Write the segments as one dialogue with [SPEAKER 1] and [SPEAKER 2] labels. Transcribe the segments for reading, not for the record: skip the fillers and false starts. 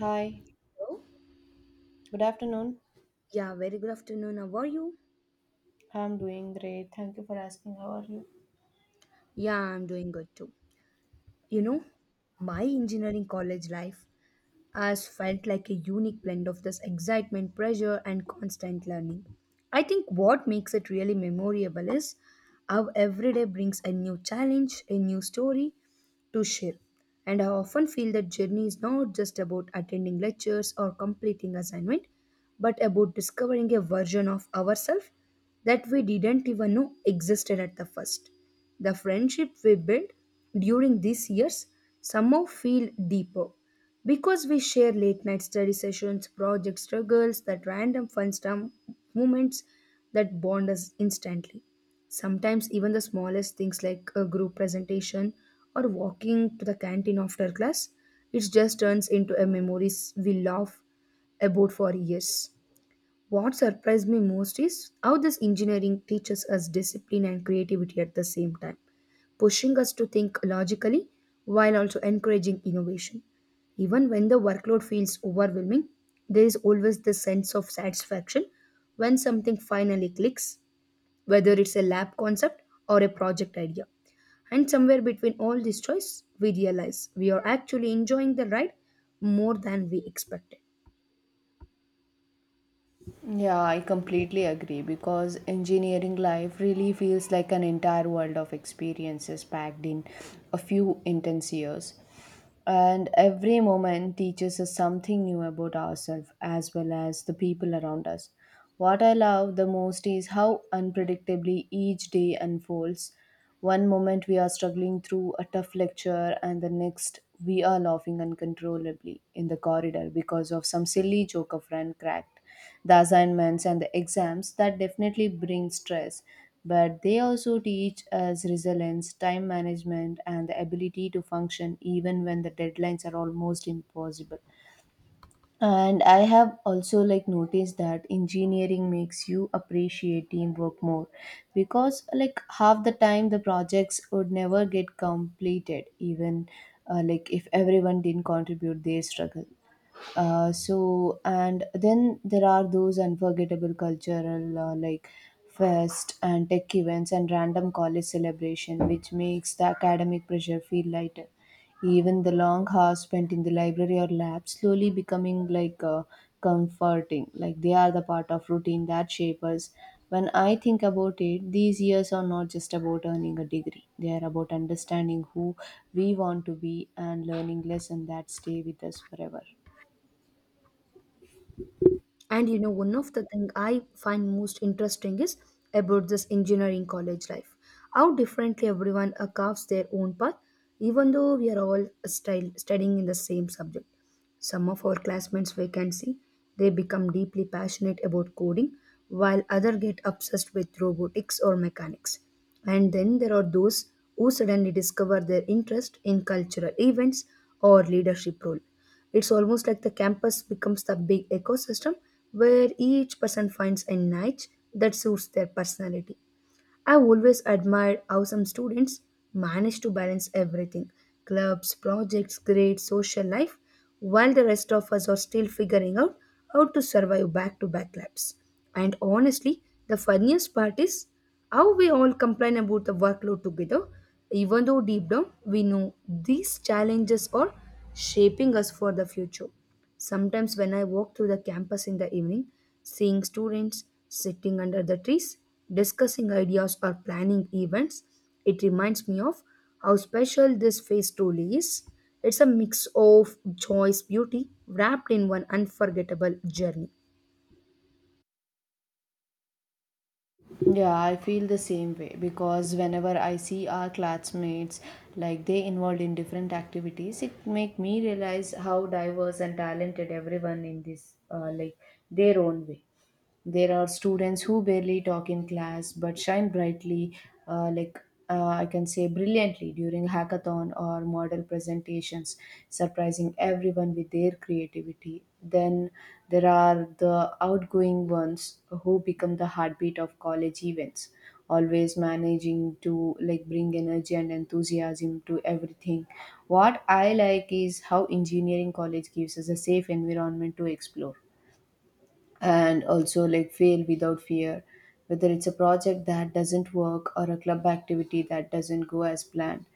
[SPEAKER 1] Hi,
[SPEAKER 2] Hello.
[SPEAKER 1] good afternoon.
[SPEAKER 2] Yeah, very good afternoon. How are you?
[SPEAKER 1] I'm doing great. Thank you for asking. How are you?
[SPEAKER 2] Yeah, I'm doing good too. You
[SPEAKER 1] Yeah.
[SPEAKER 2] know, my engineering college life has felt like a unique blend of this excitement, pressure, and constant learning. I think what makes it really memorable is how every day brings a new challenge, a new story, to share. And I often feel that journey is not just about attending lectures or completing assignment, but about discovering a version of ourselves that we didn't even know existed at the first. The friendship we built during these years somehow feel deeper because we share late night study sessions, project struggles, that random fun stuff moments that bond us instantly. Sometimes even the smallest things like a group presentation or walking to the canteen after class, it just turns into a memories we laugh about for years. What surprised me most is how this engineering teaches us discipline and creativity at the same time, pushing us to think logically while also encouraging innovation. Even when the workload feels overwhelming, there is always the sense of satisfaction when something finally clicks, whether it's a lab concept or a project idea. And somewhere between all these choice, we realize we are actually enjoying the ride more than we expected.
[SPEAKER 1] Yeah, I completely agree because engineering life really feels like an entire world of experiences packed in a few intense years. And every moment teaches us something new about ourselves as well as the people around us. What I love the most is how unpredictably each day unfolds. One moment we are struggling through a tough lecture, and the next we are laughing uncontrollably in the corridor because of some silly joke a friend cracked. The assignments and the exams that definitely bring stress, but they also teach us resilience, time management, and the ability to function even when the deadlines are almost impossible. And I have also like noticed that engineering makes you appreciate teamwork more because like half the time the projects would never get completed even like if everyone didn't contribute their struggle. So and then there are those unforgettable cultural like fest and tech events and random college celebration which makes the academic pressure feel lighter. Even the long hours spent in the library or lab slowly becoming like comforting, like they are the part of routine that shape us. When I think about it, these years are not just about earning a degree, they are about understanding who we want to be and learning lessons that stay with us forever.
[SPEAKER 2] And you know, one of the things I find most interesting is about this engineering college life. How differently everyone carves their own path, even though we are all style, studying in the same subject. Some of our classmates we can see they become deeply passionate about coding while others get obsessed with robotics or mechanics. And then there are those who suddenly discover their interest in cultural events or leadership role. It's almost like the campus becomes the big ecosystem where each person finds a niche that suits their personality. I always admired how some students manage to balance everything: clubs, projects, grades, social life, while the rest of us are still figuring out how to survive back to back labs. And honestly, the funniest part is how we all complain about the workload together, even though deep down we know these challenges are shaping us for the future. Sometimes, when I walk through the campus in the evening, seeing students sitting under the trees, discussing ideas, or planning events, it reminds me of how special this phase truly is. It's a mix of joy's beauty wrapped in one unforgettable journey.
[SPEAKER 1] Yeah, I feel the same way because whenever I see our classmates like they involved in different activities, it make me realize how diverse and talented everyone in this like their own way. There are students who barely talk in class but shine brightly, uh, like I can say brilliantly during hackathon or model presentations, surprising everyone with their creativity. Then there are the outgoing ones who become the heartbeat of college events, always managing to like bring energy and enthusiasm to everything. What I like is how engineering college gives us a safe environment to explore and also like fail without fear, whether it's a project that doesn't work or a club activity that doesn't go as planned.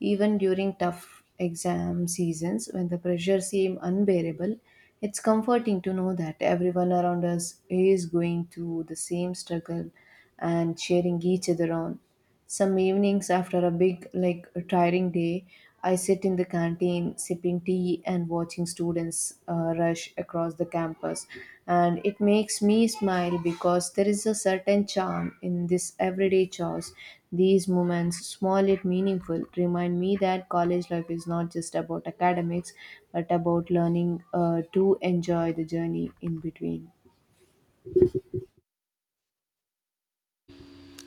[SPEAKER 1] Even during tough exam seasons when the pressure seems unbearable, it's comforting to know that everyone around us is going through the same struggle and cheering each other on. Some evenings after a big, like tiring day, I sit in the canteen sipping tea and watching students rush across the campus. And it makes me smile because there is a certain charm in this everyday chores. These moments, small yet meaningful, remind me that college life is not just about academics but about learning to enjoy the journey in between.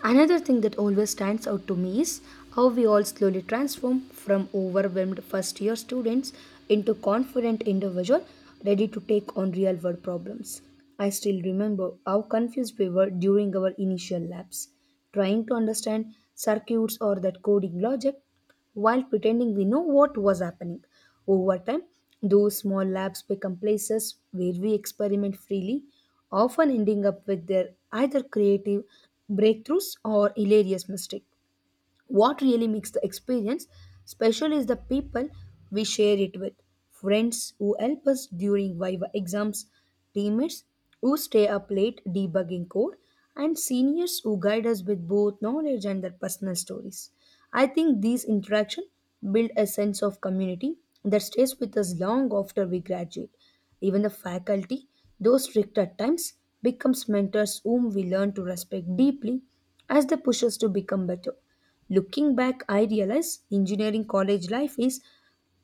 [SPEAKER 2] Another thing that always stands out to me is how we all slowly transform from overwhelmed first year students into confident individual ready to take on real world problems. I still remember how confused we were during our initial labs, trying to understand circuits or that coding logic while pretending we know what was happening. Over time, those small labs become places where we experiment freely, often ending up with their either creative breakthroughs or hilarious mistakes. What really makes the experience special is the people we share it with: friends who help us during Viva exams, teammates who stay up late debugging code, and seniors who guide us with both knowledge and their personal stories. I think these interactions build a sense of community that stays with us long after we graduate. Even the faculty, though strict at times, becomes mentors whom we learn to respect deeply as they push us to become better. Looking back, I realize engineering college life is,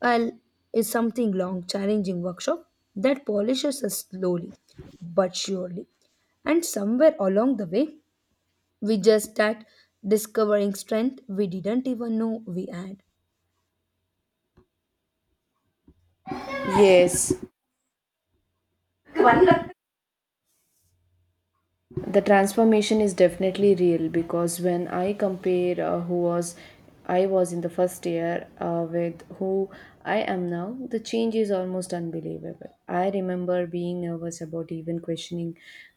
[SPEAKER 2] well is something long, challenging workshop that polishes us slowly but surely. And somewhere along the way, we just start discovering strength we didn't even know we had.
[SPEAKER 1] Yes, the transformation is definitely real because when I compare who was I was in the first year with who I am now, the change is almost unbelievable. I remember being nervous about even questioning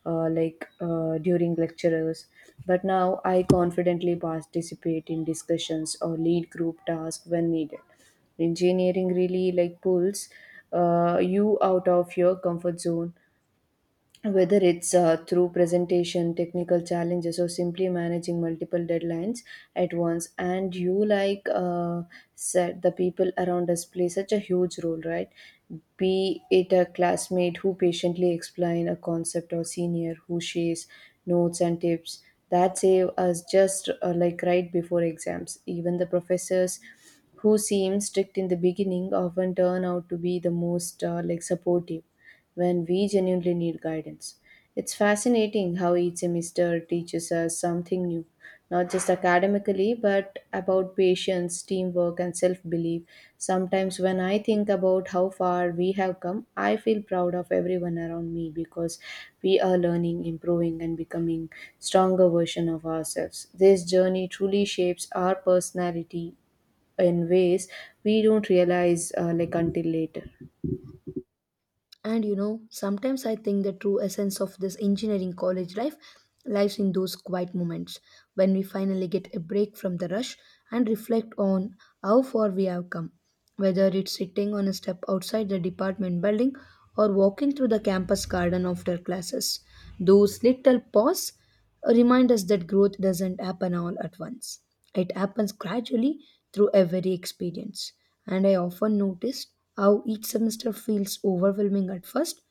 [SPEAKER 1] during lectures, but now I confidently participate in discussions or lead group tasks when needed. Engineering really like pulls you out of your comfort zone, whether it's through presentation, technical challenges, or simply managing multiple deadlines at once. And you like said, the people around us play such a huge role, right? Be it a classmate who patiently explain a concept, or senior who shares notes and tips that save us just like right before exams. Even the professors who seem strict in the beginning often turn out to be the most like supportive when we genuinely need guidance. It's fascinating how each semester teaches us something new, not just academically, but about patience, teamwork, and self belief. Sometimes, when I think about how far we have come, I feel proud of everyone around me because we are learning, improving, and becoming stronger version of ourselves. This journey truly shapes our personality in ways we don't realize like until later.
[SPEAKER 2] And you know, sometimes I think the true essence of this engineering college life lies in those quiet moments when we finally get a break from the rush and reflect on how far we have come. Whether it's sitting on a step outside the department building or walking through the campus garden after classes, those little pauses remind us that growth doesn't happen all at once. It happens gradually through every experience. And I often noticed how each semester feels overwhelming at first.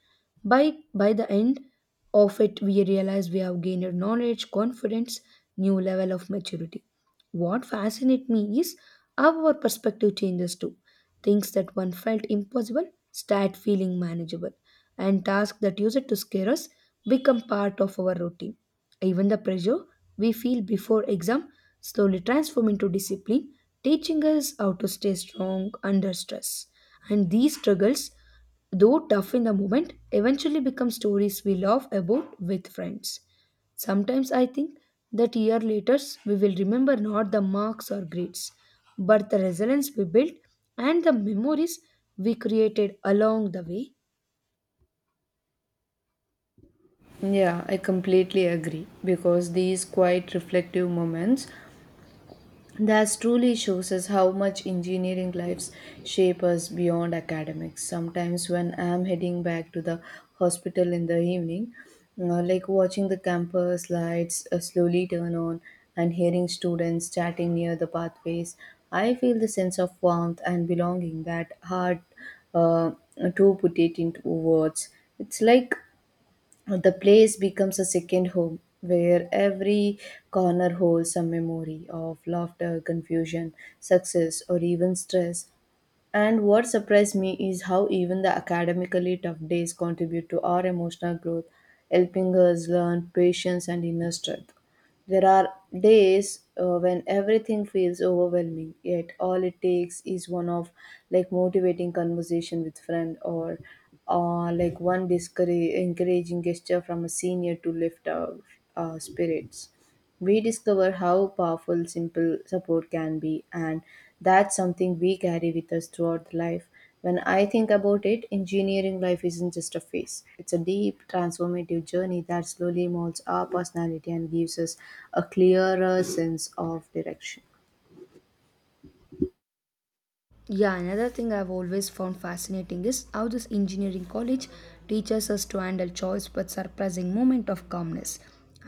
[SPEAKER 2] By the end of it, we realize we have gained knowledge, confidence, new level of maturity. What fascinates me is how our perspective changes too. Things that one felt impossible start feeling manageable, and tasks that used to scare us become part of our routine. Even the pressure we feel before exam slowly transforms into discipline, teaching us how to stay strong under stress. And these struggles, though tough in the moment, eventually become stories we laugh about with friends. Sometimes I think that year later we will remember not the marks or grades, but the resilience we built and the memories we created along the way.
[SPEAKER 1] Yeah, I completely agree because these quite reflective moments that truly shows us how much engineering lives shape us beyond academics. Sometimes when I'm heading back to the hospital in the evening, like watching the campus lights slowly turn on and hearing students chatting near the pathways, I feel the sense of warmth and belonging that hard uh, to put it into words. It's like the place becomes a second home where every corner holds a memory of laughter, confusion, success, or even stress. And what surprised me is how even the academically tough days contribute to our emotional growth, helping us learn patience and inner strength. There are days when everything feels overwhelming, yet all it takes is one of like motivating conversation with friend or like one discourage, encouraging gesture from a senior to lift our spirits. We discover how powerful simple support can be, and that's something we carry with us throughout life. When I think about it, engineering life isn't just a phase, it's a deep, transformative journey that slowly molds our personality and gives us a clearer sense of direction.
[SPEAKER 2] Yeah, another thing I've always found fascinating is how this engineering college teaches us to handle choice but surprising moment of calmness.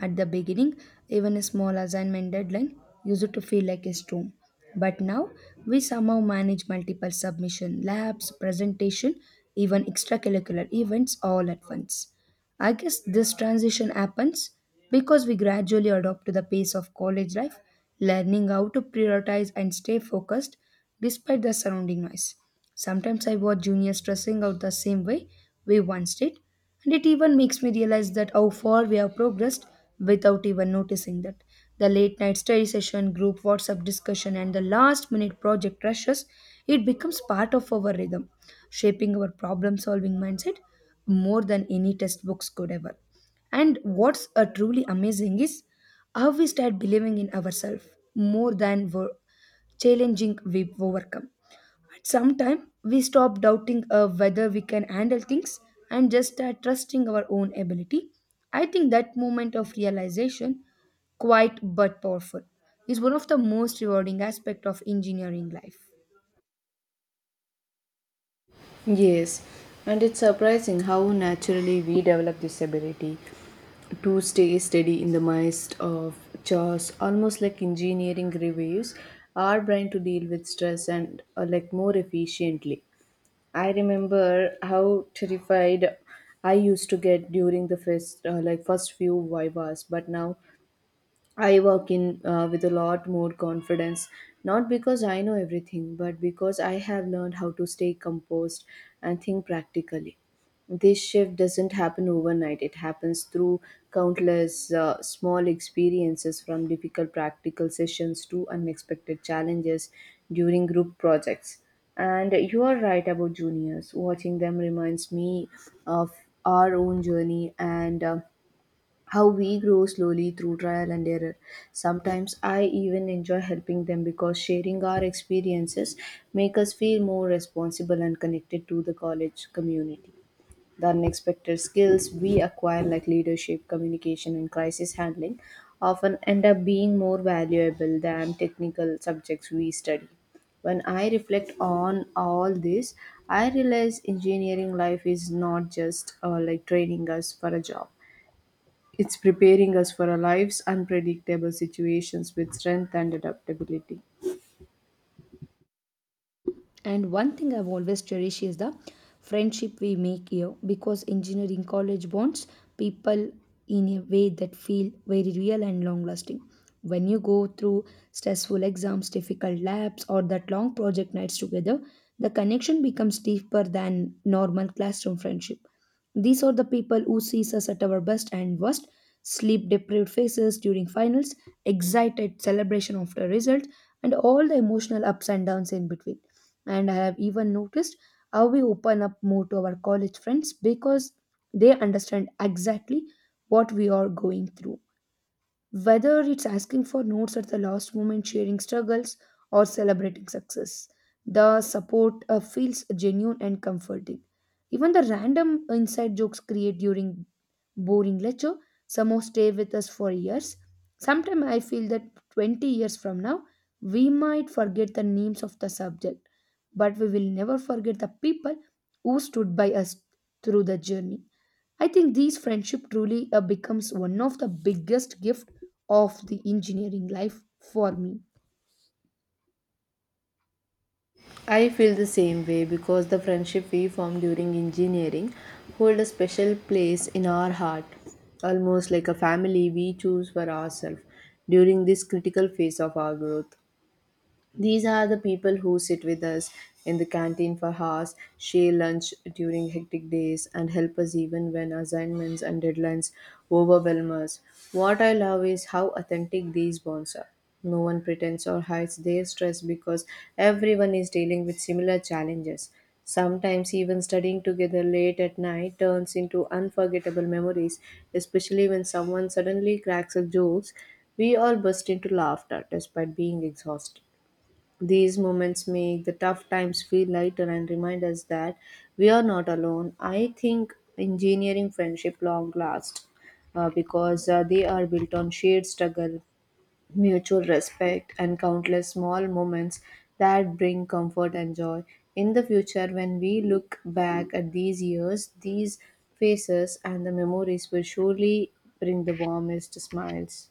[SPEAKER 2] At the beginning, even a small assignment deadline used to feel like a storm. But now, we somehow manage multiple submission, labs, presentation, even extracurricular events all at once. I guess this transition happens because we gradually adopt to the pace of college life, learning how to prioritize and stay focused despite the surrounding noise. Sometimes I watch juniors stressing out the same way we once did, and it even makes me realize that how far we have progressed without even noticing that. The late night study session, group WhatsApp discussion, and the last minute project rushes, it becomes part of our rhythm, shaping our problem solving mindset more than any textbooks could ever. And what's truly amazing is how we start believing in ourselves more than we're challenging we overcome. At some time, we stop doubting whether we can handle things and just start trusting our own ability. I think that moment of realization, quite but powerful, is one of the most rewarding aspects of engineering life.
[SPEAKER 1] Yes, and it's surprising how naturally we develop this ability to stay steady in the midst of chores, almost like engineering reviews, our brain to deal with stress and like more efficiently. I remember how terrified I used to get during the first first few vivas, but now I walk in with a lot more confidence, not because I know everything, but because I have learned how to stay composed and think practically. This shift doesn't happen overnight, it happens through countless small experiences, from difficult practical sessions to unexpected challenges during group projects. And you are right about juniors. Watching them reminds me of our own journey and how we grow slowly through trial and error. Sometimes I even enjoy helping them because sharing our experiences make us feel more responsible and connected to the college community. The unexpected skills we acquire, like leadership, communication, and crisis handling, often end up being more valuable than technical subjects we study. When I reflect on all this, I realize engineering life is not just like training us for a job, it's preparing us for our life's unpredictable situations with strength and adaptability.
[SPEAKER 2] And one thing I've always cherished is the friendship we make here, because engineering college bonds people in a way that feel very real and long lasting. When you go through stressful exams, difficult labs, or that long project nights together, the connection becomes deeper than normal classroom friendship. These are the people who sees us at our best and worst, sleep deprived faces during finals, excited celebration after results, and all the emotional ups and downs in between. And I have even noticed how we open up more to our college friends because they understand exactly what we are going through, whether it's asking for notes at the last moment, sharing struggles, or celebrating success. The support feels genuine and comforting. Even the random inside jokes created during boring lecture somehow stay with us for years. Sometimes I feel that 20 years from now, we might forget the names of the subject, but we will never forget the people who stood by us through the journey. I think these friendship truly becomes one of the biggest gift of the engineering life for me.
[SPEAKER 1] I feel the same way because the friendship we formed during engineering hold a special place in our heart, almost like a family we choose for ourselves during this critical phase of our growth. These are the people who sit with us in the canteen for hours, share lunch during hectic days, and help us even when assignments and deadlines overwhelm us. What I love is how authentic these bonds are. No one pretends or hides their stress because everyone is dealing with similar challenges. Sometimes, even studying together late at night turns into unforgettable memories, especially when someone suddenly cracks a joke. We all burst into laughter despite being exhausted. These moments make the tough times feel lighter and remind us that we are not alone. I think engineering friendship long last because they are built on shared struggle, mutual respect, and countless small moments that bring comfort and joy. In the future, when we look back at these years, these faces and the memories will surely bring the warmest smiles.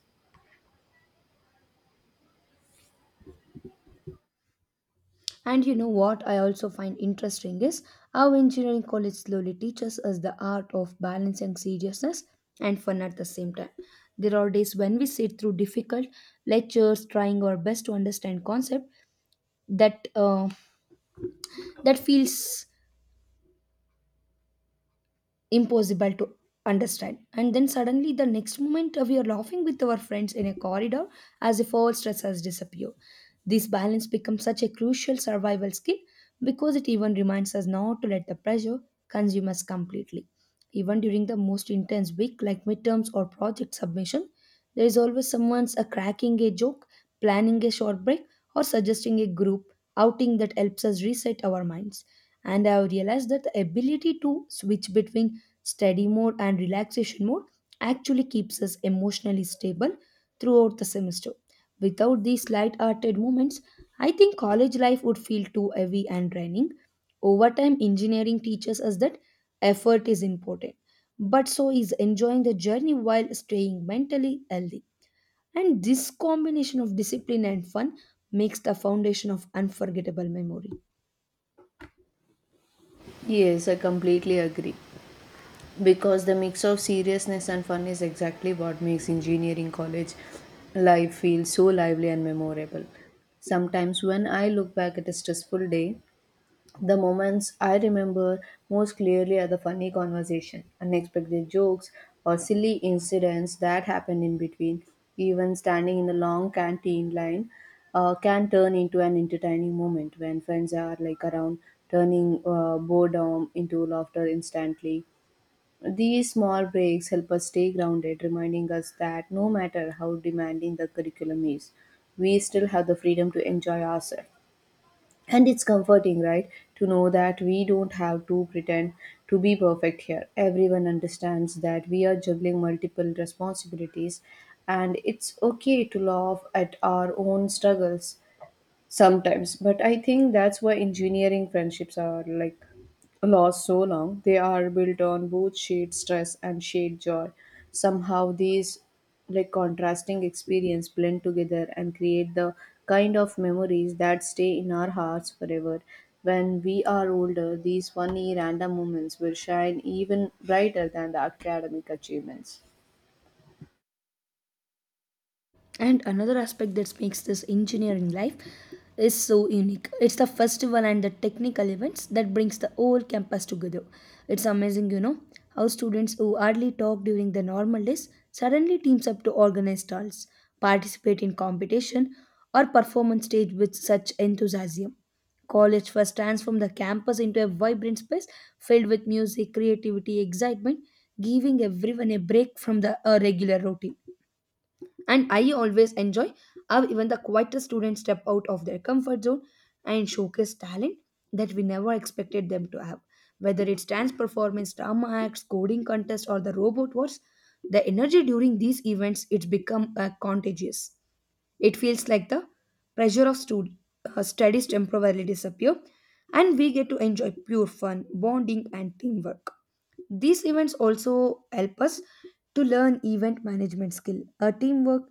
[SPEAKER 2] And you know what I also find interesting is how engineering college slowly teaches us the art of balancing seriousness and fun at the same time. There are days when we sit through difficult lectures, trying our best to understand concept that uh, that feels impossible to understand, and then suddenly the next moment we are laughing with our friends in a corridor as if all stress has disappeared. This balance becomes such a crucial survival skill because it even reminds us not to let the pressure consume us completely. Even during the most intense week like midterms or project submission, there is always someone's a cracking a joke, planning a short break, or suggesting a group outing that helps us reset our minds. And I have realized that the ability to switch between study mode and relaxation mode actually keeps us emotionally stable throughout the semester. Without these light-hearted moments, I think college life would feel too heavy and draining. Over time, engineering teaches us that effort is important, but so is enjoying the journey while staying mentally healthy. And this combination of discipline and fun makes the foundation of unforgettable memories.
[SPEAKER 1] Yes, I completely agree, because the mix of seriousness and fun is exactly what makes engineering college life feel so lively and memorable. Sometimes, when I look back at a stressful day, the moments I remember most clearly are the funny conversation, unexpected jokes, or silly incidents that happened in between. Even standing in a long canteen line can turn into an entertaining moment when friends are like around, turning boredom into laughter instantly. These small breaks help us stay grounded, reminding us that no matter how demanding the curriculum is, we still have the freedom to enjoy ourselves. And it's comforting, right, to know that we don't have to pretend to be perfect here. Everyone understands that we are juggling multiple responsibilities, and it's okay to laugh at our own struggles sometimes. But I think that's why engineering friendships are like last so long, they are built on both shared stress and shared joy. Somehow these like contrasting experience blend together and create the kind of memories that stay in our hearts forever. When we are older, these funny random moments will shine even brighter than the academic achievements.
[SPEAKER 2] And another aspect that makes this engineering life is so unique. It's the festival and the technical events that brings the whole campus together. It's amazing, you know, how students who hardly talk during the normal days suddenly teams up to organize stalls, participate in competition, or perform on stage with such enthusiasm. College fest transforms the campus into a vibrant space filled with music, creativity, excitement, giving everyone a break from the regular routine. And I always enjoy how even the quietest students step out of their comfort zone and showcase talent that we never expected them to have, whether it's dance performance, drama acts, coding contest, or the robot wars. The energy during these events, it's become contagious. It feels like the pressure of studies temporarily disappear, and we get to enjoy pure fun, bonding, and teamwork. These events also help us to learn event management skill, a teamwork,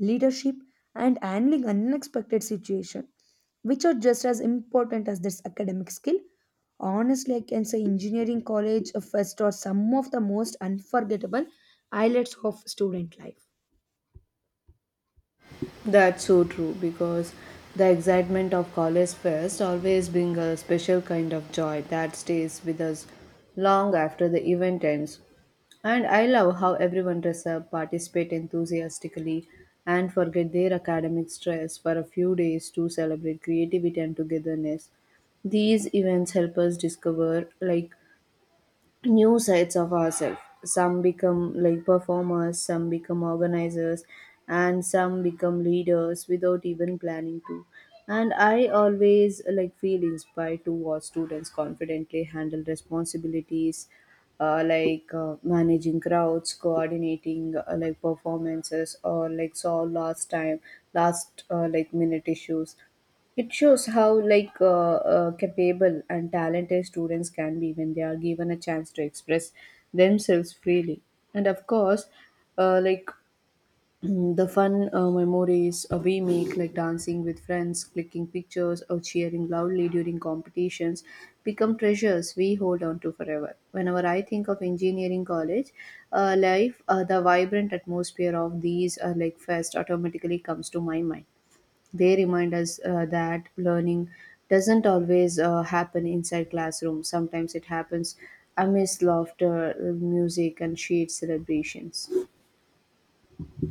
[SPEAKER 2] leadership, and handling unexpected situation, which are just as important as this academic skill. Honestly, I can say engineering college or fest are some of the most unforgettable highlights of student life.
[SPEAKER 1] That's so true, because the excitement of college fest always brings a special kind of joy that stays with us long after the event ends. And I love how everyone dress up, participate enthusiastically, and forget their academic stress for a few days to celebrate creativity and togetherness. These events help us discover like new sides of ourselves. Some become like performers, some become organizers, and some become leaders without even planning to. And I always feel inspired to watch students confidently handle responsibilities, managing crowds, coordinating performances, or solve last time, last like minute issues. It shows how capable and talented students can be when they are given a chance to express themselves freely. And of course, uh, like the fun memories we make, like dancing with friends, clicking pictures, or cheering loudly during competitions, become treasures we hold on to forever. Whenever I think of engineering college life, the vibrant atmosphere of these fest automatically comes to my mind. They remind us that learning doesn't always happen inside classrooms. Sometimes it happens amidst laughter, music, and shared celebrations.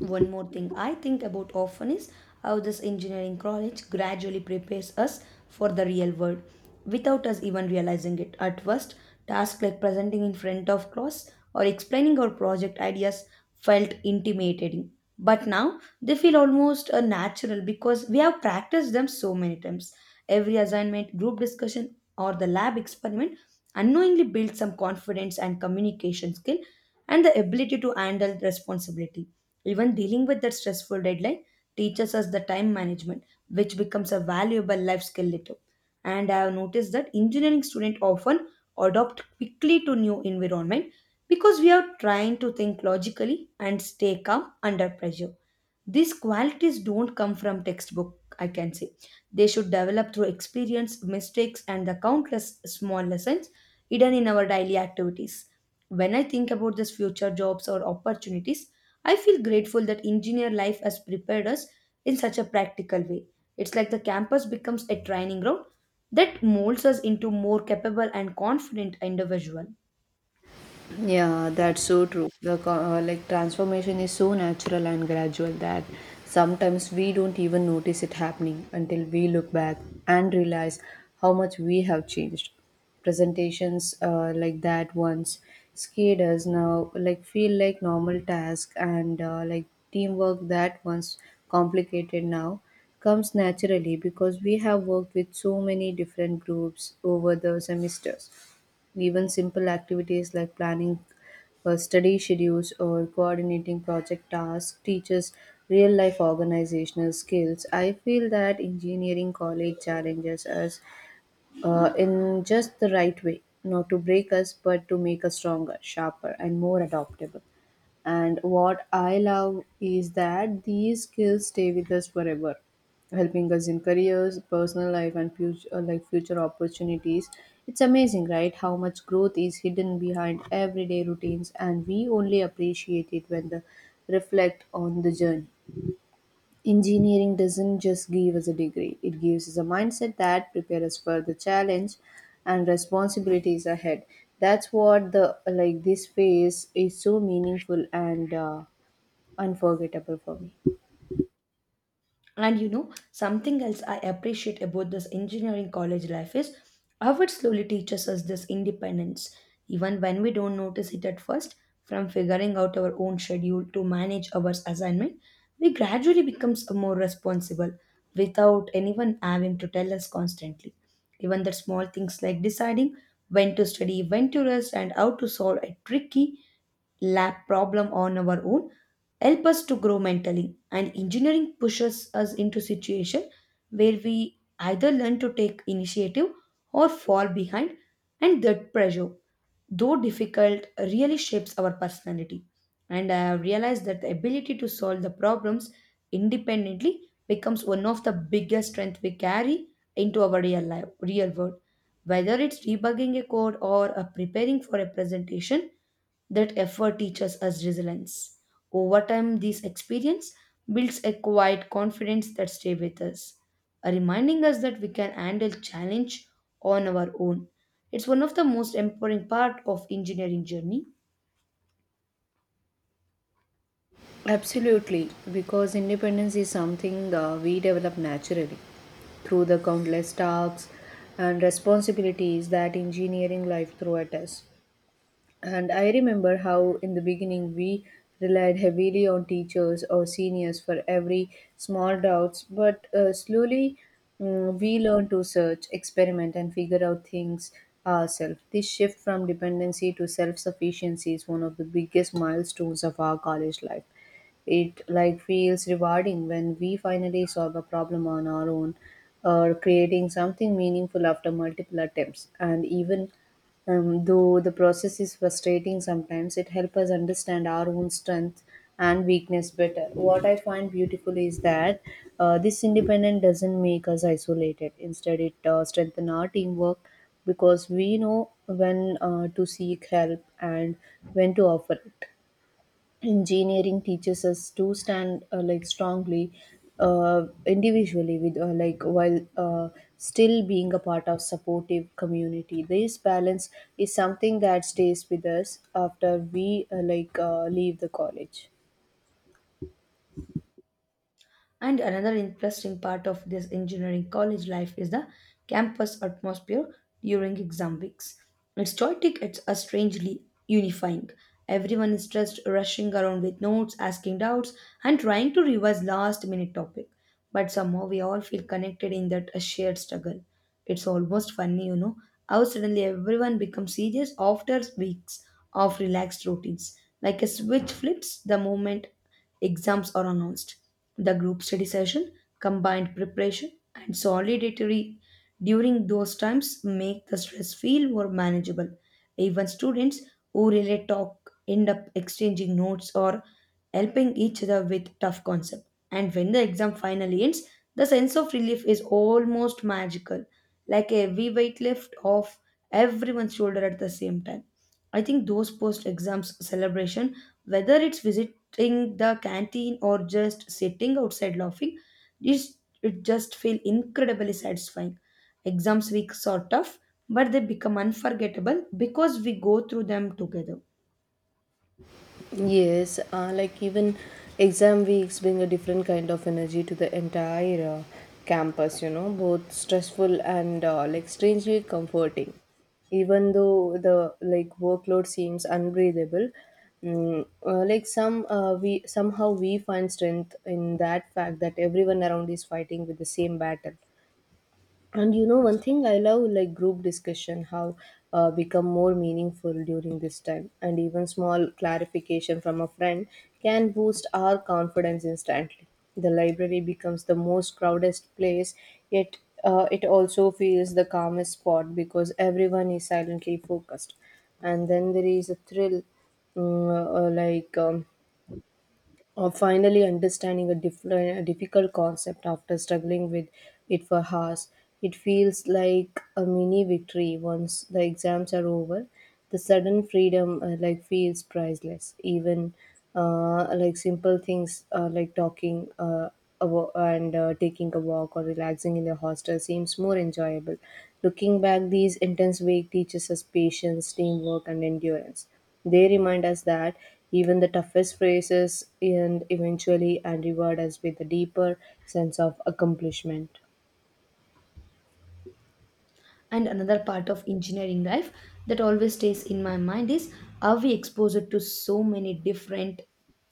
[SPEAKER 2] One more thing I think about often is how this engineering college gradually prepares us for the real world without us even realizing it. At first, tasks like presenting in front of class or explaining our project ideas felt intimidating. But now they feel almost natural because we have practiced them so many times. Every assignment, group discussion, or the lab experiment unknowingly builds some confidence and communication skill and the ability to handle responsibility. Even dealing with that stressful deadline teaches us the time management, which becomes a valuable life skill later. And I have noticed that engineering students often adopt quickly to new environment because we are trying to think logically and stay calm under pressure. These qualities don't come from textbook, I can say. They should develop through experience, mistakes, and the countless small lessons hidden in our daily activities when I think about these future jobs or opportunities, I feel grateful that engineer life has prepared us in such a practical way. It's like the campus becomes a training ground that molds us into more capable and confident individual.
[SPEAKER 1] Yeah, that's so true. The transformation is so natural and gradual that sometimes we don't even notice it happening until we look back and realize how much we have changed. Presentations that once scared us now feel like normal task, and teamwork that once complicated now comes naturally because we have worked with so many different groups over the semesters. Even simple activities like planning study schedules, or coordinating project tasks teaches real life organizational skills. I feel that engineering college challenges us in just the right way, not to break us, but to make us stronger, sharper, and more adaptable. And what I love is that these skills stay with us forever, helping us in careers, personal life, and future opportunities. It's amazing, right? How much growth is hidden behind everyday routines, and we only appreciate it when the reflect on the journey. Engineering doesn't just give us a degree; it gives us a mindset that prepares us for the challenge and responsibilities ahead. That's what the like this phase is so meaningful and unforgettable for me.
[SPEAKER 2] And you know, something else I appreciate about this engineering college life is how it slowly teaches us this independence, even when we don't notice it at first. From figuring out our own schedule to manage our assignment, we gradually becomes more responsible without anyone having to tell us constantly. Even the small things like deciding when to study, when to rest, and how to solve a tricky lab problem on our own help us to grow mentally. And engineering pushes us into situation where we either learn to take initiative or fall behind, and that pressure, though difficult, really shapes our personality. And I have realized that the ability to solve the problems independently becomes one of the biggest strengths we carry into our real life, real world. Whether it's debugging a code or preparing for a presentation, that effort teaches us resilience. Over time, this experience builds a quiet confidence that stays with us, reminding us that we can handle challenge on our own. It's one of the most empowering part of engineering journey.
[SPEAKER 1] Absolutely, because independence is something we develop naturally through the countless tasks and responsibilities that engineering life throw at us. And I remember how, in the beginning, we relied heavily on teachers or seniors for every small doubts, but slowly we learned to search, experiment, and figure out things ourselves. This shift from dependency to self sufficiency is one of the biggest milestones of our college life. It feels rewarding when we finally solve a problem on our own or creating something meaningful after multiple attempts, and even though the process is frustrating sometimes, it helps us understand our own strength and weakness better. What I find beautiful is that this independence doesn't make us isolated. Instead, it strengthens our teamwork, because we know when to seek help and when to offer it. Engineering teaches us to stand strongly individually with like while still being a part of supportive community. This balance is something that stays with us after we leave the college.
[SPEAKER 2] And another interesting part of this engineering college life is the campus atmosphere during exam weeks. It's chaotic, it's a strangely unifying. Everyone is just rushing around with notes, asking doubts, and trying to revise last minute topic. But somehow we all feel connected in that a shared struggle. It's almost funny, you know, how suddenly everyone becomes serious after weeks of relaxed routines. Like a switch flips the moment exams are announced. The group study session, combined preparation, and solidatory during those times make the stress feel more manageable. Even students who relay talk end up exchanging notes or helping each other with tough concepts. And when the exam finally ends, the sense of relief is almost magical, like a heavy weight lift off everyone's shoulder at the same time. I think those post exams celebration, whether it's visit entering the canteen or just sitting outside laughing, it's, it just feel incredibly satisfying. Exams weeks are tough, but they become unforgettable because we go through them together.
[SPEAKER 1] Yes, even exam weeks bring a different kind of energy to the entire campus, you know, both stressful and strangely comforting. Even though the workload seems unbreathable, mm, like some we somehow we find strength in that fact that everyone around is fighting with the same battle. And you know, one thing I love group discussion, how become more meaningful during this time, and even small clarification from a friend can boost our confidence instantly. The library becomes the most crowded place, yet it also feels the calmest spot because everyone is silently focused. And then there is a thrill, mm, uh, like um, or finally understanding a difficult concept after struggling with it for hours. It feels like a mini victory once the exams are over. The sudden freedom feels priceless. Even simple things talking, and taking a walk or relaxing in the hostel seems more enjoyable. Looking back, these intense week teaches us patience, teamwork, and endurance. They remind us that even the toughest phrases end eventually and reward us with a deeper sense of accomplishment.
[SPEAKER 2] And another part of engineering life that always stays in my mind is are we exposed to so many different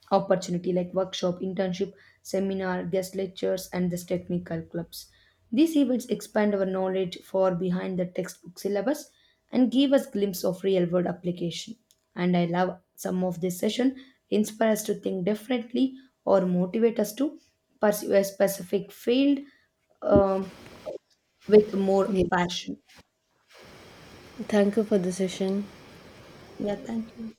[SPEAKER 2] opportunity like workshop, internship, seminar, guest lectures, and this technical clubs. These events expand our knowledge far behind the textbook syllabus and give us glimpse of real world application. And I love some of this session inspire us to think differently or motivate us to pursue a specific field um, with more
[SPEAKER 1] Yes.
[SPEAKER 2] passion.
[SPEAKER 1] Thank you for the session.
[SPEAKER 2] Yeah, thank you.